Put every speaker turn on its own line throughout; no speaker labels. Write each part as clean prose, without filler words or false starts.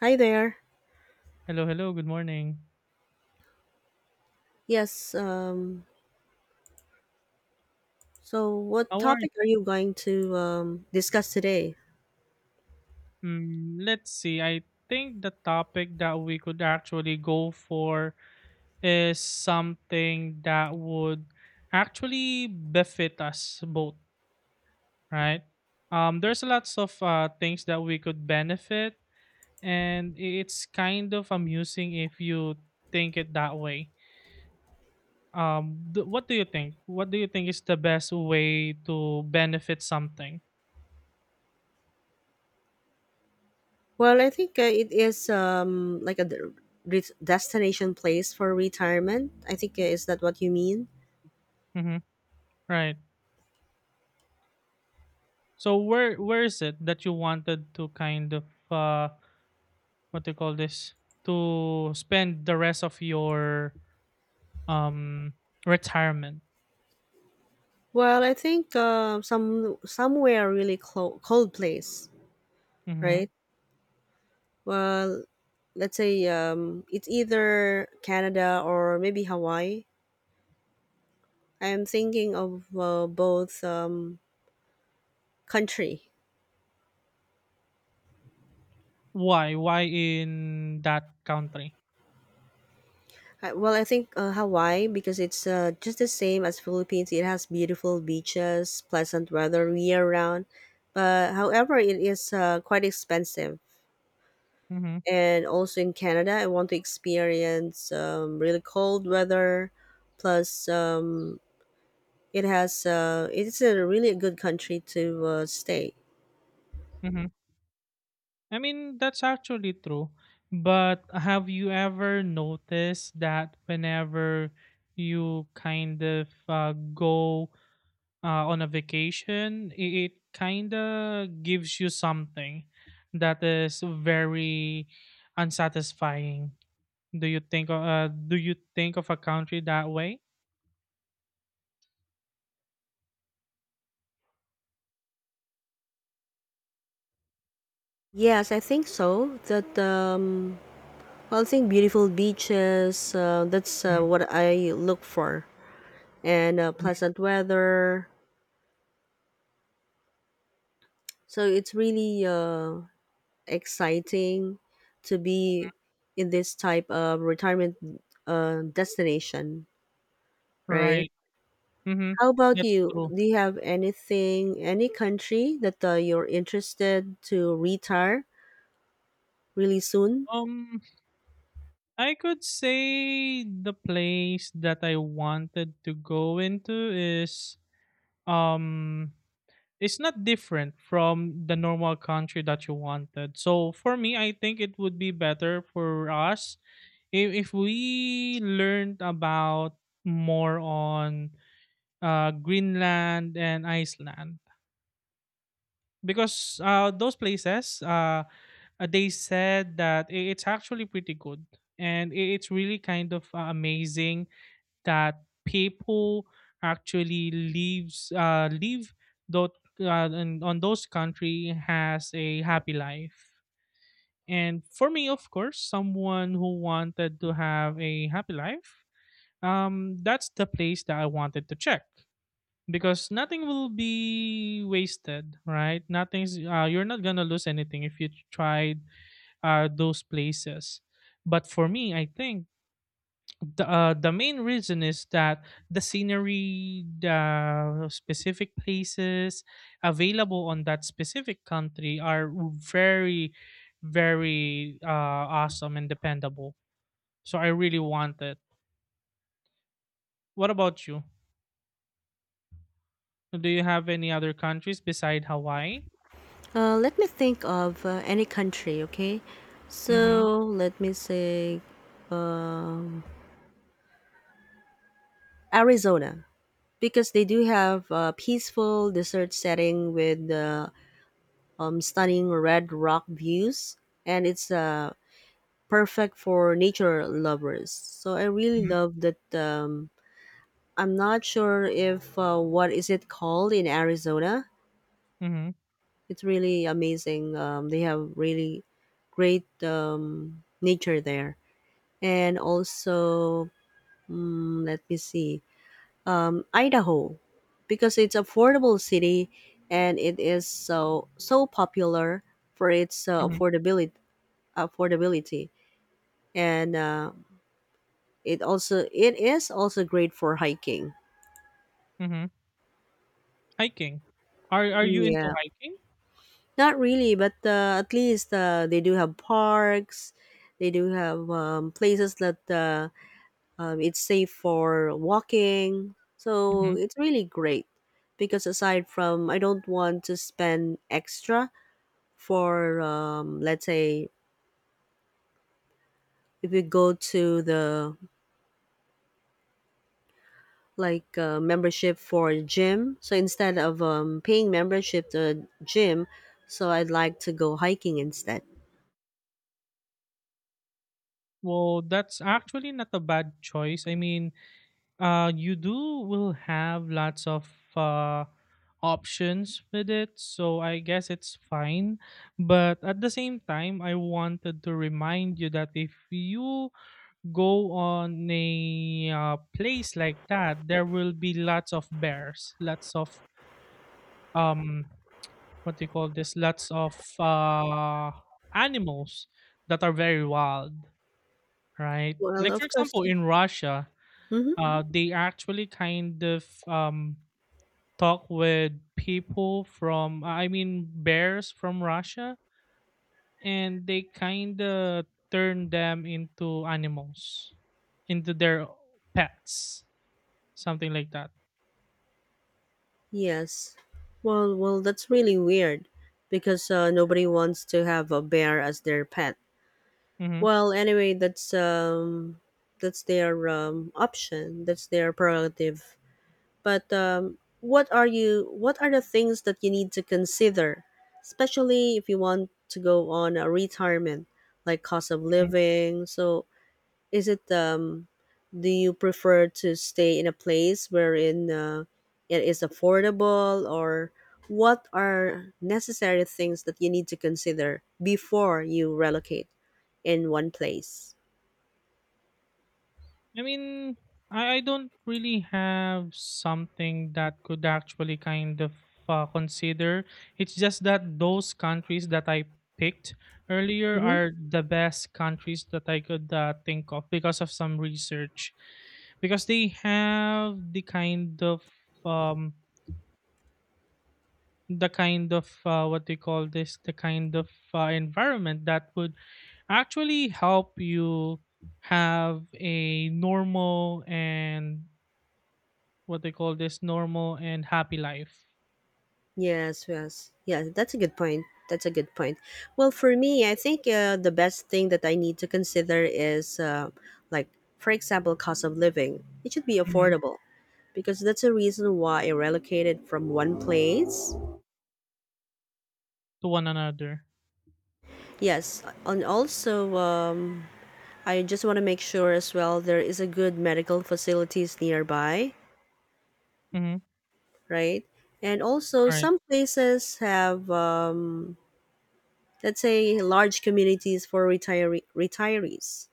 Hi there.
Hello, hello. Good morning.
Yes, um, so what
How are you?
topic are you going to discuss today?
Let's see. I think the topic that we could actually go for is something that would actually befit us both, right? There's lots of things that we could benefit, and it's kind of amusing if you think it that way. What do you think? What do you think is the best way to benefit something?
Well, I think it is like a destination place for retirement. I think is that what you mean?
Mm-hmm. Right. So where is it that you wanted to kind of uh what do you call this to spend the rest of your um retirement?
Well, I think somewhere really cold place,
Mm-hmm.
right? Well, let's say it's either Canada or maybe Hawaii. I'm thinking of both country.
Why in that country?
Well, I think Hawaii because it's just the same as Philippines. It has beautiful beaches, pleasant weather year round. But however, it is quite expensive.
Mm-hmm.
And also in Canada, I want to experience really cold weather. Plus, it has it's a really good country to stay.
Mm-hmm. I mean that's actually true, but have you ever noticed that whenever you kind of go on a vacation, it kind of gives you something that is very unsatisfying. Do you think do you think of a country that way?
Yes, I think so. That Well, I think beautiful beaches. That's
Mhm,
what I look for, and
mhm.
pleasant weather. So it's really exciting to be in this type of retirement destination, right?
Right. Mm-hmm.
How about
That's
you?
true.
Do you have anything, any country that you're interested to retire really soon?
Um, I could say the place that I wanted to go into is um it's not different from the normal country that you wanted. So for me, I think it would be better for us if we learned about more on Greenland and Iceland because those places they said that it's actually pretty good and it's really kind of amazing that people actually leave those and on those country has a happy life. And for me, of course, someone who wanted to have a happy life, that's the place that I wanted to check because nothing will be wasted, right? Nothing's you're not gonna lose anything if you tried those places. But for me, I think the main reason is that the scenery, the specific places available on that specific country are very, very awesome and dependable. So I really want it. What about you? Do you have any other countries beside Hawaii?
Let me think of any country, okay?
Mm-hmm.
So let me say um, Arizona, because they do have a peaceful desert setting with stunning red rock views, and it's perfect for nature lovers, so I really
Mm-hmm.
love that. I'm not sure if what is it called in Arizona.
Mm-hmm.
It's really amazing. They have really great nature there. And also, mm, let me see, Idaho, because it's affordable city and it is so popular for its
Mm-hmm.
affordability and it is also great for hiking.
Mm-hmm. Hiking. Are you into
Yeah,
hiking?
not really, but at least they do have parks. They do have places that it's safe for walking.
Mm-hmm.
So it's really great because aside from I don't want to spend extra for let's say if you go to the like membership for a gym, so instead of paying membership to a gym, so I'd like to go hiking instead.
Well, that's actually not a bad choice. I mean, you do will have lots of options with it, so I guess it's fine. But at the same time, I wanted to remind you that if you go on a place like that, there will be lots of bears, lots of um, what do you call this? Lots of animals that are very wild, right?
Well,
Like for
of course.
example, in Russia,
Mm-hmm.
they actually kind of talk with people from I mean bears from Russia and they kind of turn them into animals into their pets something like that.
Yes, well, that's really weird because nobody wants to have a bear as their pet.
Mhm.
Well, anyway, that's their option, that's their prerogative. But what are you? What are the things that you need to consider, especially if you want to go on a retirement, like cost of living? So, is it do you prefer to stay in a place wherein it is affordable, or what are necessary things that you need to consider before you relocate in one place?
I mean, I don't really have something that could actually kind of consider. It's just that those countries that I picked earlier
Mm-hmm.
are the best countries that I could think of because of some research. Because they have um the kind of what they call this the kind of environment that would actually help you have a normal and what they call this normal and happy life.
Yes, yes. Yeah, that's a good point. That's a good point. Well, for me, I think the best thing that I need to consider is like, for example, cost of living. It should be
Mhm.
affordable because that's a reason why I relocated from one place.
To one another.
Yes, and also I just want to make sure as well there is a good medical facilities nearby,
Mhm.
right? And also
Alright.
some places have let's say large communities for retirees,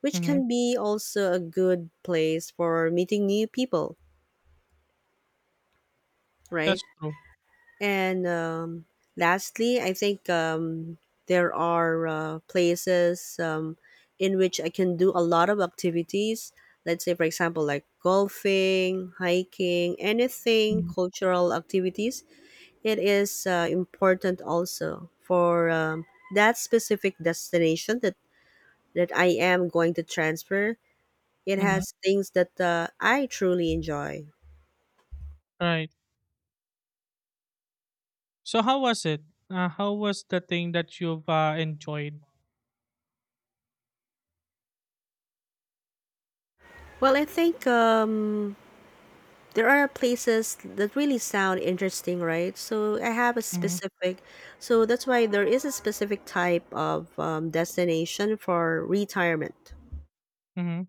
which
Mhm.
can be also a good place for meeting new people, right?
That's true.
And lastly, I think there are places in which I can do a lot of activities. Let's say, for example, like golfing, hiking, anything
Mhm.
cultural activities. It is important also for that specific destination that I am going to transfer. It
Mhm.
has things that I truly enjoy.
Right. So how was it? How was the thing that you've enjoyed?
Well, I think there are places that really sound interesting, right? So I have a
Mhm.
specific, so that's why there is a specific type of destination for retirement.
Mhm.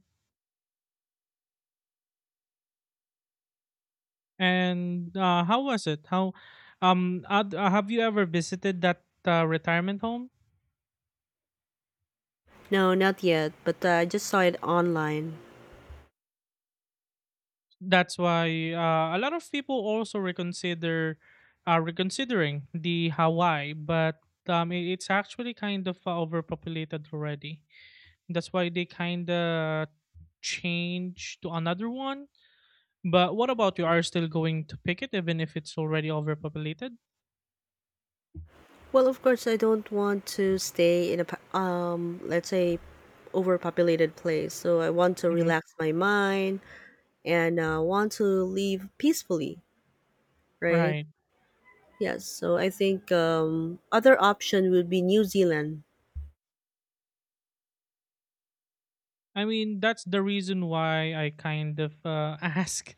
And how was it? Have you ever visited that retirement home?
No, not yet, but I just saw it online.
That's why a lot of people also reconsider are reconsidering the Hawaii, but it's actually kind of overpopulated already. That's why they kind of change to another one. But what about you? Are you still going to pick it even if it's already overpopulated?
Well, of course, I don't want to stay in a let's say, overpopulated place. So I want to
Hmm.
relax my mind and want to live peacefully, right?
Right.
Yes, so I think other option would be New Zealand.
I mean, that's the reason why I kind of ask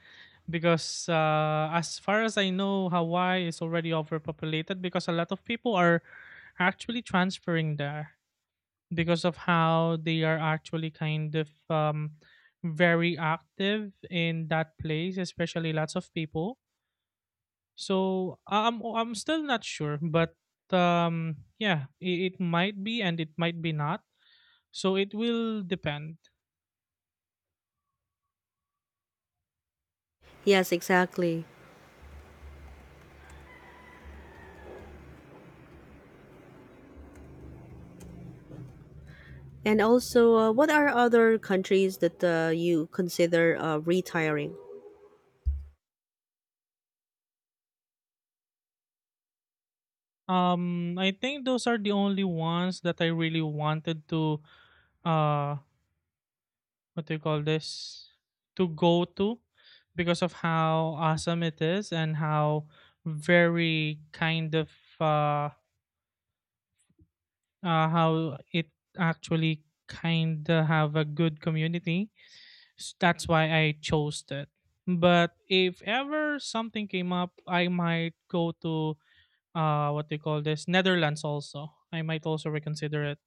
because as far as I know, Hawaii is already overpopulated because a lot of people are actually transferring there because of how they are actually kind of very active in that place, especially lots of people. So I'm still not sure, but yeah, it might be and it might be not. So it will depend.
Yes, exactly. And also, what are other countries that you consider retiring?
I think those are the only ones that I really wanted to uh what do you call this to go to because of how awesome it is and how very kind of uh, how it actually kind of have a good community. That's why I chose that. But if ever something came up, I might go to what do you call this Netherlands also. I might also reconsider it.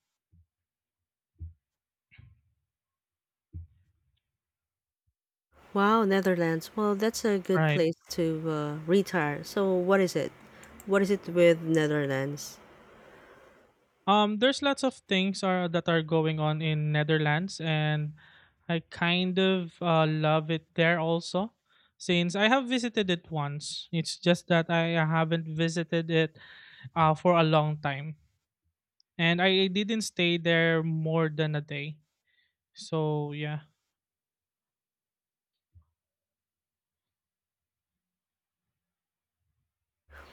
Wow, Netherlands. Well, that's a good
Right.
place to retire. So, what is it? What is it with Netherlands?
There's lots of things are that are going on in Netherlands, and I kind of love it there also. Since I have visited it once, it's just that I haven't visited it for a long time, and I didn't stay there more than a day. So yeah,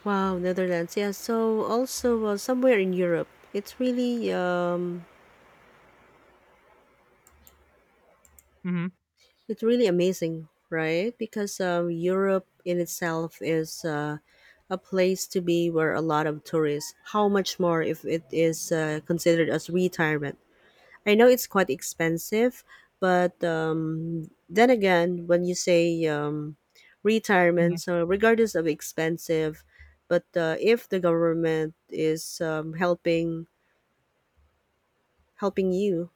Wow, Netherlands. Yeah. So also somewhere in Europe, it's really
mm-hmm,
it's really amazing, right? Because Europe in itself is a place to be where a lot of tourists. How much more if it is considered as retirement? I know it's quite expensive, but then again, when you say
mm-hmm,
retirement, so regardless of expensive, but if the government is helping you,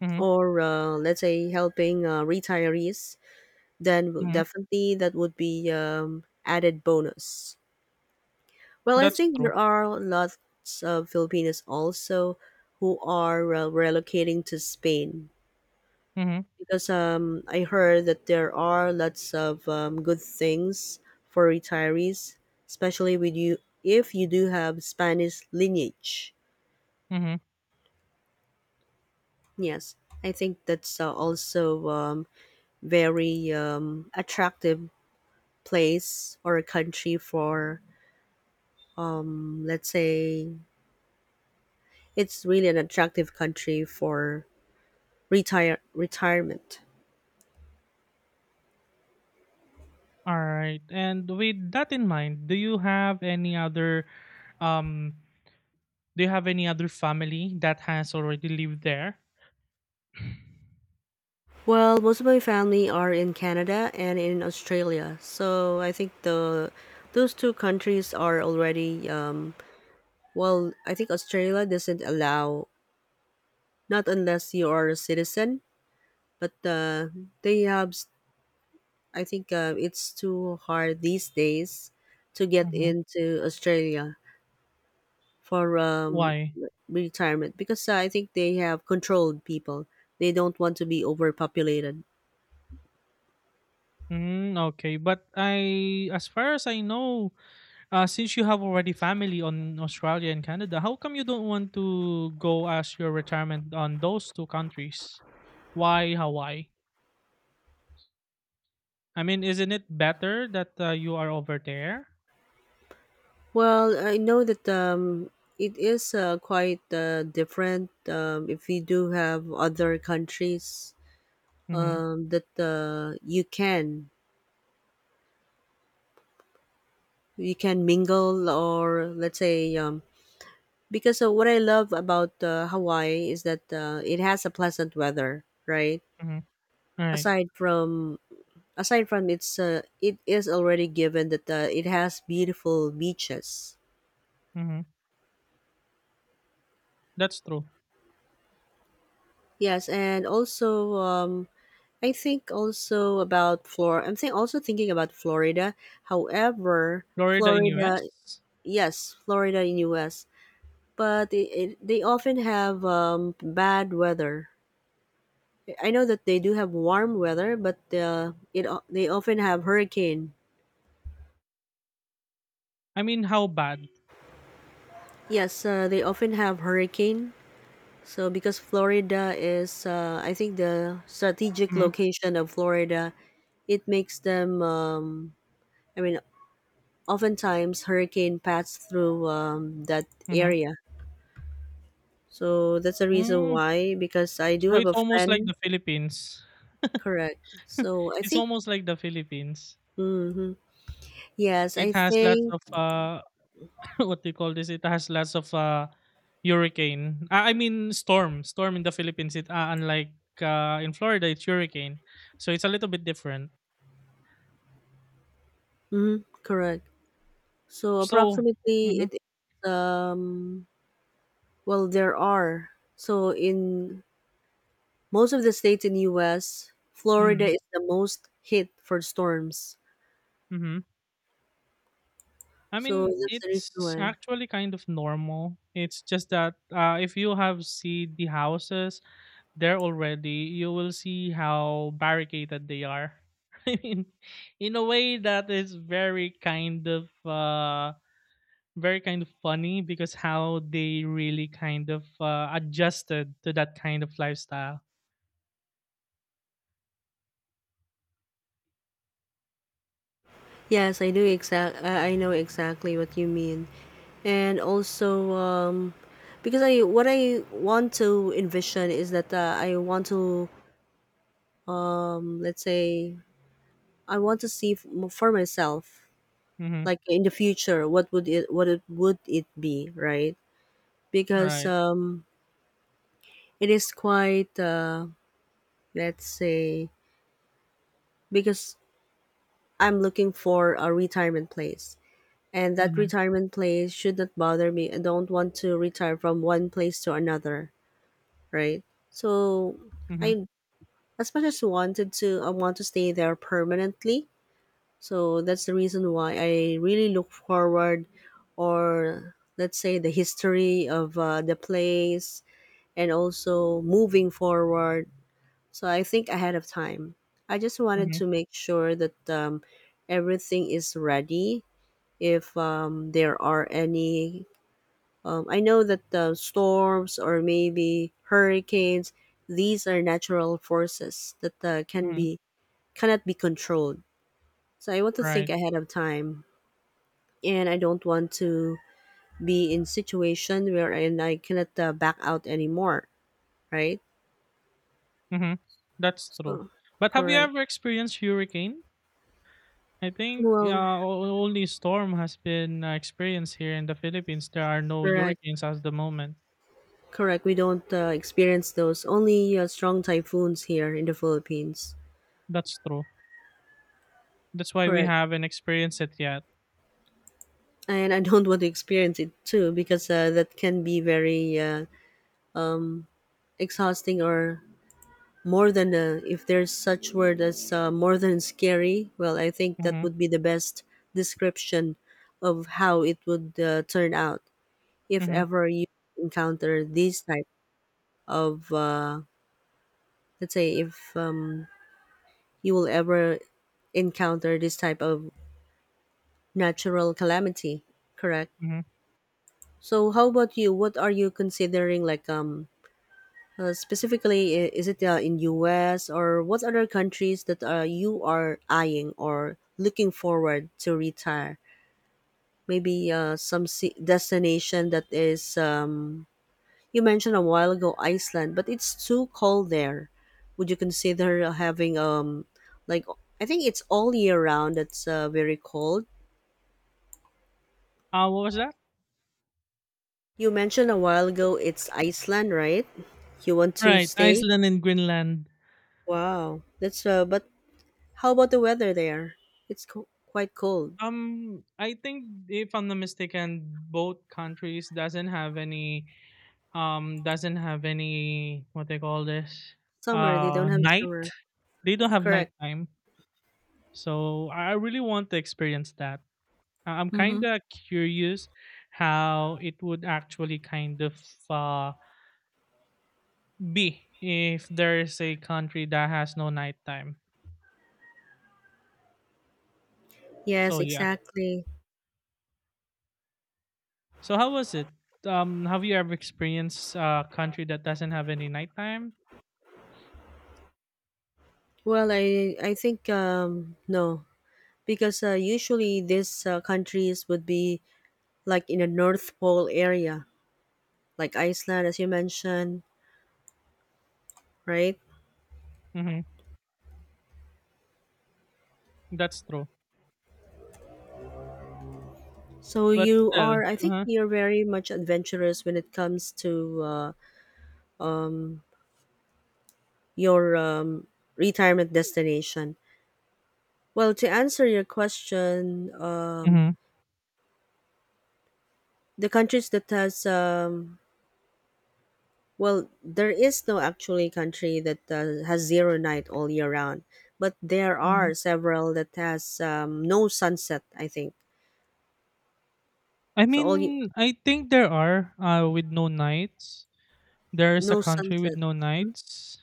mm-hmm,
or let's say helping retirees, then
mm-hmm.
definitely that would be added bonus. Well, I
That's
think
true.
there are lots of Filipinos also who are relocating to Spain
Mm-hmm,
because I heard that there are lots of good things for retirees, especially with you if you do have Spanish lineage.
mm-hmm.
Yes, I think that's also very attractive place or a country for let's say it's really an attractive country for retirement.
All right, and with that in mind, do you have any other um do you have any other family that has already lived there?
Well, most of my family are in Canada and in Australia, so I think the those two countries are already well. I think Australia doesn't allow not unless you are a citizen, but they have. I think it's too hard these days to get
Mhm.
into Australia for
Why?
retirement because I think they have controlled people. They don't want to be overpopulated.
Mm, okay, but as far as I know, since you have already family on Australia and Canada, how come you don't want to go as your retirement on those two countries? Why Hawaii? I mean, isn't it better that you are over there?
Well, I know that it is quite different if you do have other countries
Mm-hmm.
that you can mingle, or let's say because what I love about Hawaii is that it has a pleasant weather, right?
Mm-hmm. All right.
Aside from Aside from its it is already given that it has beautiful beaches.
Mm-hmm. That's true.
Yes, and also I think also about Flor. I'm think also thinking about Florida. However,
Florida in
Florida,
US.
yes, Florida in US, but they often have bad weather. I know that they do have warm weather, but they often have hurricane.
I mean, how bad?
Yes, they often have hurricane. So because Florida is, I think the strategic
Mm-hmm.
location of Florida, it makes them. I mean, oftentimes hurricane pass through that
Mm-hmm.
area. So that's the reason
Mm.
why. Because I do
So
have
it's
a
almost like
friend.
the Philippines.
Correct. So I
It's
think.
almost like the Philippines.
Hmm. Yes,
It
I
has lots
think.
of what they call this, it has lots of hurricane. Ah, I mean storm in the Philippines. It unlike in Florida, it's hurricane, so it's a little bit different.
Hmm. Correct. So
So,
approximately
mhm,
Um, well, there are. So in most of the states in US, Florida
mhm,
is the most hit for storms.
mhm. I
So
mean,
that's the reason
it's
why.
actually kind of normal. It's just that if you have seen the houses there already, you will see how barricaded they are. I mean, in a way that is very kind of funny because how they really kind of adjusted to that kind of lifestyle.
Yes, I do exact I know exactly what you mean. And also because I what I want to envision is that I want to let's say I want to see for myself,
Mm-hmm.
like in the future, what it would it be, right? Because
Right.
it is quite let's say because I'm looking for a retirement place. And that
Mm-hmm.
retirement place should not bother me. I don't want to retire from one place to another, right? So
Mm-hmm.
I as much as wanted to I want to stay there permanently. So that's the reason why I really look forward or let's say the history of the place and also moving forward. So I think ahead of time. I just wanted
Mm-hmm.
to make sure that everything is ready if there are any. I know that the storms or maybe hurricanes, these are natural forces that
Mm-hmm.
cannot be controlled. So I want to think
Right.
ahead of time, and I don't want to be in situation where and I cannot back out anymore. Right?
Mm-hmm. That's true.
So,
But have you
correct.
ever experienced hurricane? I think
Well,
only storm has been experienced here in the Philippines. There are no
correct,
hurricanes at the moment.
correct. We don't experience those. Only strong typhoons here in the Philippines.
That's true. That's why we
Correct.
haven't experienced it yet.
And I don't want to experience it too because that can be very exhausting or more than if there's such word as more than scary. Well, I think that
Mm-hmm.
would be the best description of how it would turn out if
Mm-hmm.
ever you encounter these type of let's say if you will ever encounter this type of natural calamity. Correct.
Mm-hmm.
So, how about you? What are you considering like specifically, is it in US or what other countries that you are eyeing or looking forward to retire? Maybe destination that is you mentioned a while ago Iceland, but it's too cold there. Would you consider having like I think it's all year round that's very cold.
What was that?
You mentioned a while ago it's Iceland, right? You want to
Right,
stay?
Iceland and Greenland.
Wow, that's but how about the weather there? It's quite cold.
I think if I'm not mistaken, both countries doesn't have any what they call this
Summer, they don't have
night.
summer.
They don't have
Correct.
nighttime, so I really want to experience that. I- I'm
Mm-hmm.
kind of curious how it would actually kind of uh be if there is a country that has no nighttime.
Yes,
So yeah.
exactly.
So how was it? Have you ever experienced a country that doesn't have any nighttime?
Well, I think no, because usually these countries would be like in a North Pole area, like Iceland, as you mentioned, right?
Mm-hmm. That's true.
So
But
you
still,
are, I think
uh-huh.
you're very much adventurous when it comes to your retirement destination. Well, to answer your question,
Hmm.
the countries that has well there is no actually country that has zero night all year round, but there
Hmm.
are several that has no sunset, I think.
I
so all y-
mean, I think there are with no nights. There is a
no
country with
sunset,
no nights.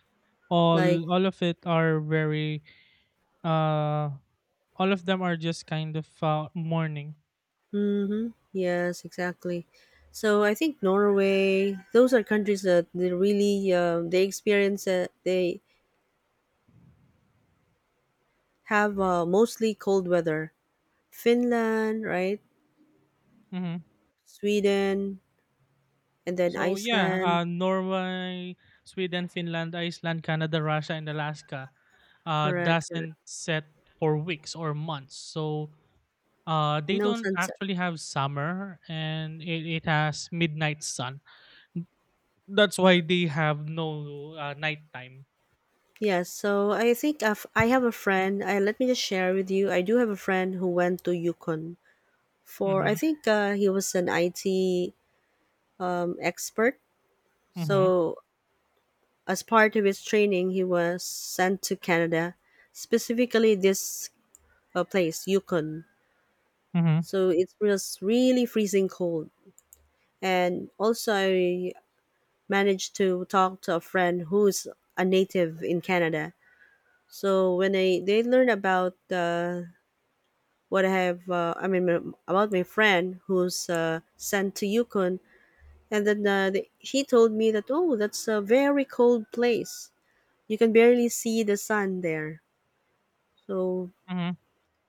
like.
All of it are very uh all of them are just kind of morning.
Mm-hmm, yes exactly. So I think Norway, those are countries that they really they experience they have mostly cold weather. Finland, right?
Hmm.
Sweden, and then
So yeah,
Iceland.
Norway, Sweden, Finland, Iceland, Canada, Russia, and Alaska
Correct.
doesn't set for weeks or months. So they
No
don't
sunset.
actually have summer, and it has midnight sun. That's why they have no nighttime.
Yes, so I think I have a friend. Let me just share with you. I do have a friend who went to Yukon for, I
Mm-hmm.
think he was an IT expert.
Mm-hmm.
So, as part of his training, he was sent to Canada, specifically this place, Yukon.
Mm-hmm.
So, it was really freezing cold. And also, I managed to talk to a friend who's a native in Canada. So when I they learn about what I have, I mean, about my friend who's sent to Yukon. And then he told me that, oh, that's a very cold place. You can barely see the sun there. So
Mm-hmm.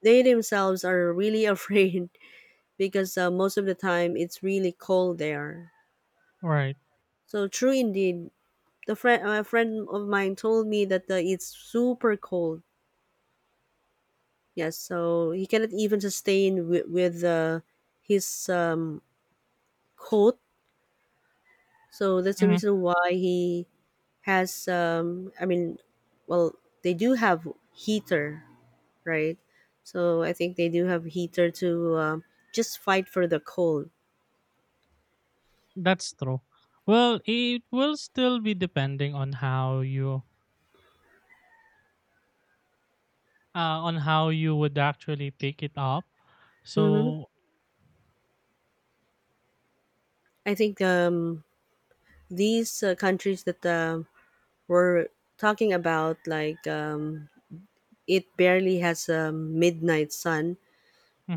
they themselves are really afraid because most of the time it's really cold there.
Right.
So true indeed. A friend of mine told me that it's super cold. Yes, so he cannot even sustain with his coat. So that's the
Mhm.
reason why he has. I mean, well, they do have heater, right? So I think they do have heater to just fight for the cold.
That's true. Well, it will still be depending on how you would actually take it up.
hmm
So,
I think these countries that we're talking about, like, it barely has a midnight sun.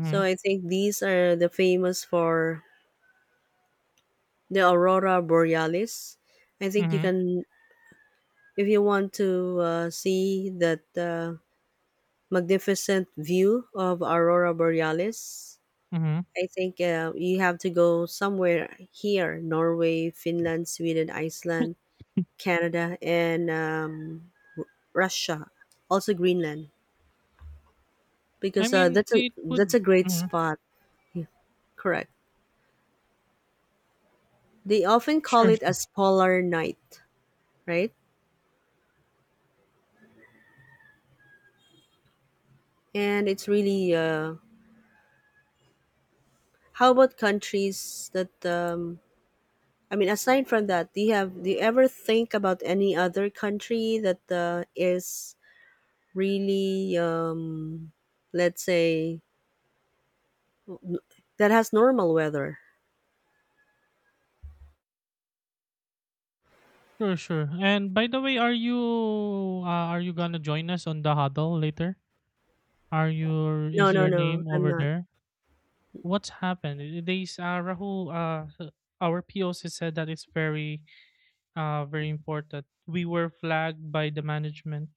So I think these are the famous for the aurora borealis. I think you
mhm,
can, if you want to see that magnificent view of aurora borealis,
mhm.
I think you have to go somewhere here: Norway, Finland, Sweden, Iceland, Canada, and Russia, also Greenland,
I
because
mean, it
that's
would.
a great
Mhm.
spot. Yeah, correct, they often call
Sure,
it
sure,
as polar night, right? And it's really how about countries that I mean, aside from that, do you ever think about any other country that is really, let's say, that has normal weather?
sure. And by the way, are you gonna join us on the huddle later? Are your
No,
Is
no,
your
no,
name
I'm
over
not.
there? What's happened? Rahul our POC said that it's very very important. We were flagged by the management.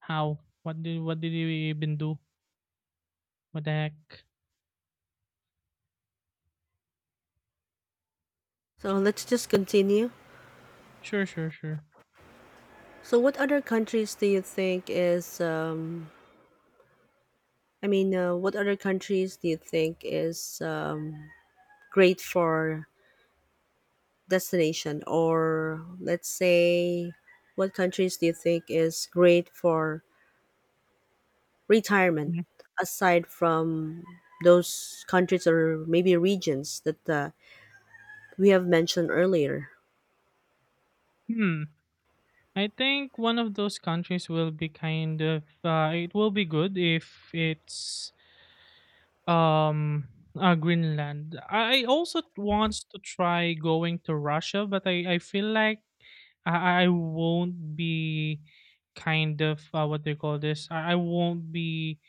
How? What did we even do? What the heck?
So let's just continue.
Sure, sure, sure.
So, what other countries do you think is? I mean, what other countries do you think is great for destination, or let's say, what countries do you think is great for retirement
Yeah.
aside from those countries or maybe regions that we have mentioned earlier?
Hmm. I think one of those countries will be kind of it will be good if it's um Greenland. I also want to try going to Russia, but I feel like I won't be kind of what they call this. I won't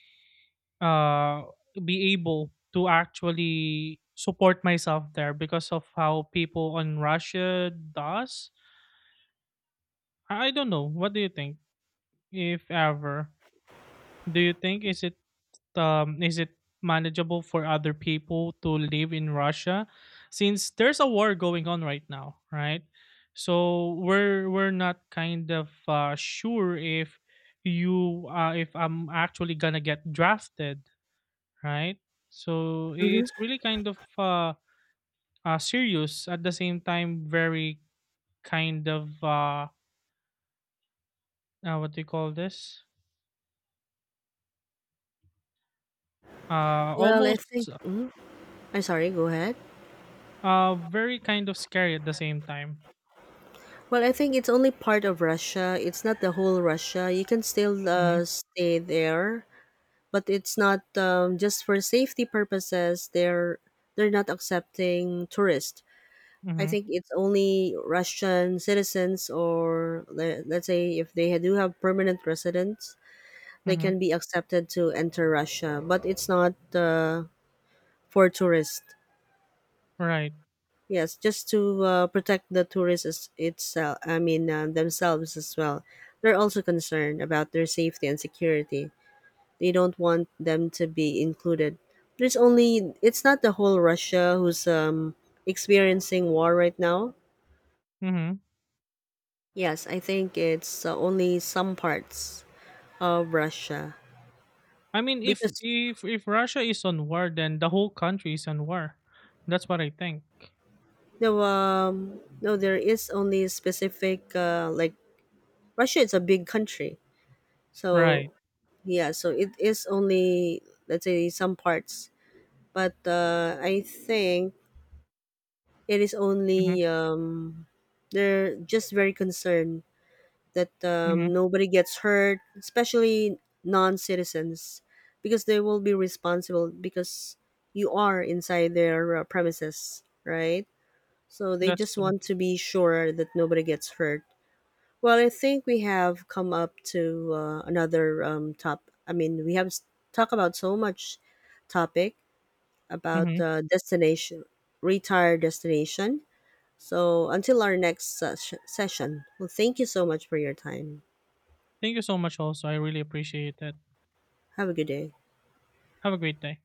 uh, be able to actually support myself there because of how people on Russia does. I don't know. What do you think? If ever, do you think is it manageable for other people to live in Russia since there's a war going on right now, right? So we're not kind of sure if you if I'm actually gonna get drafted, right? So
Hmm.
it's really kind of serious at the same time very kind of what do you call this?
Well, I think.
Almost
Mhm. I'm sorry. Go ahead.
very kind of scary at the same time.
Well, I think it's only part of Russia. It's not the whole Russia. You can still
Mhm.
stay there, but it's not just for safety purposes. They're not accepting tourists. I
Mhm.
think it's only Russian citizens or let's say if they do have permanent residence, they
Mhm.
can be accepted to enter Russia, but it's not for tourists.
Right.
Yes, just to protect the tourists itself. I mean, themselves as well. They're also concerned about their safety and security. They don't want them to be included. There's only, it's not the whole Russia who's experiencing war right now.
Mhm.
Yes, I think it's only some parts of Russia
I mean if
because.
if Russia is on war then the whole country is on war. That's what I think.
No, no, there is only specific. Like Russia, is a big country, so
Right.
yeah, so it is only, let's say, some parts, but I think it is
Mhm.
only they're just very concerned that
Mhm.
nobody gets hurt, especially non-citizens, because they will be responsible because you are inside their premises, right? So they
That's
just
true.
want to be sure that nobody gets hurt. Well, I think we have come up to another top. I mean, talked about so much topic about
Mhm.
destination, retire destination. So until our next session, well, thank you so much for your time.
Thank you so much also. I really appreciate it.
Have a good day.
Have a great day.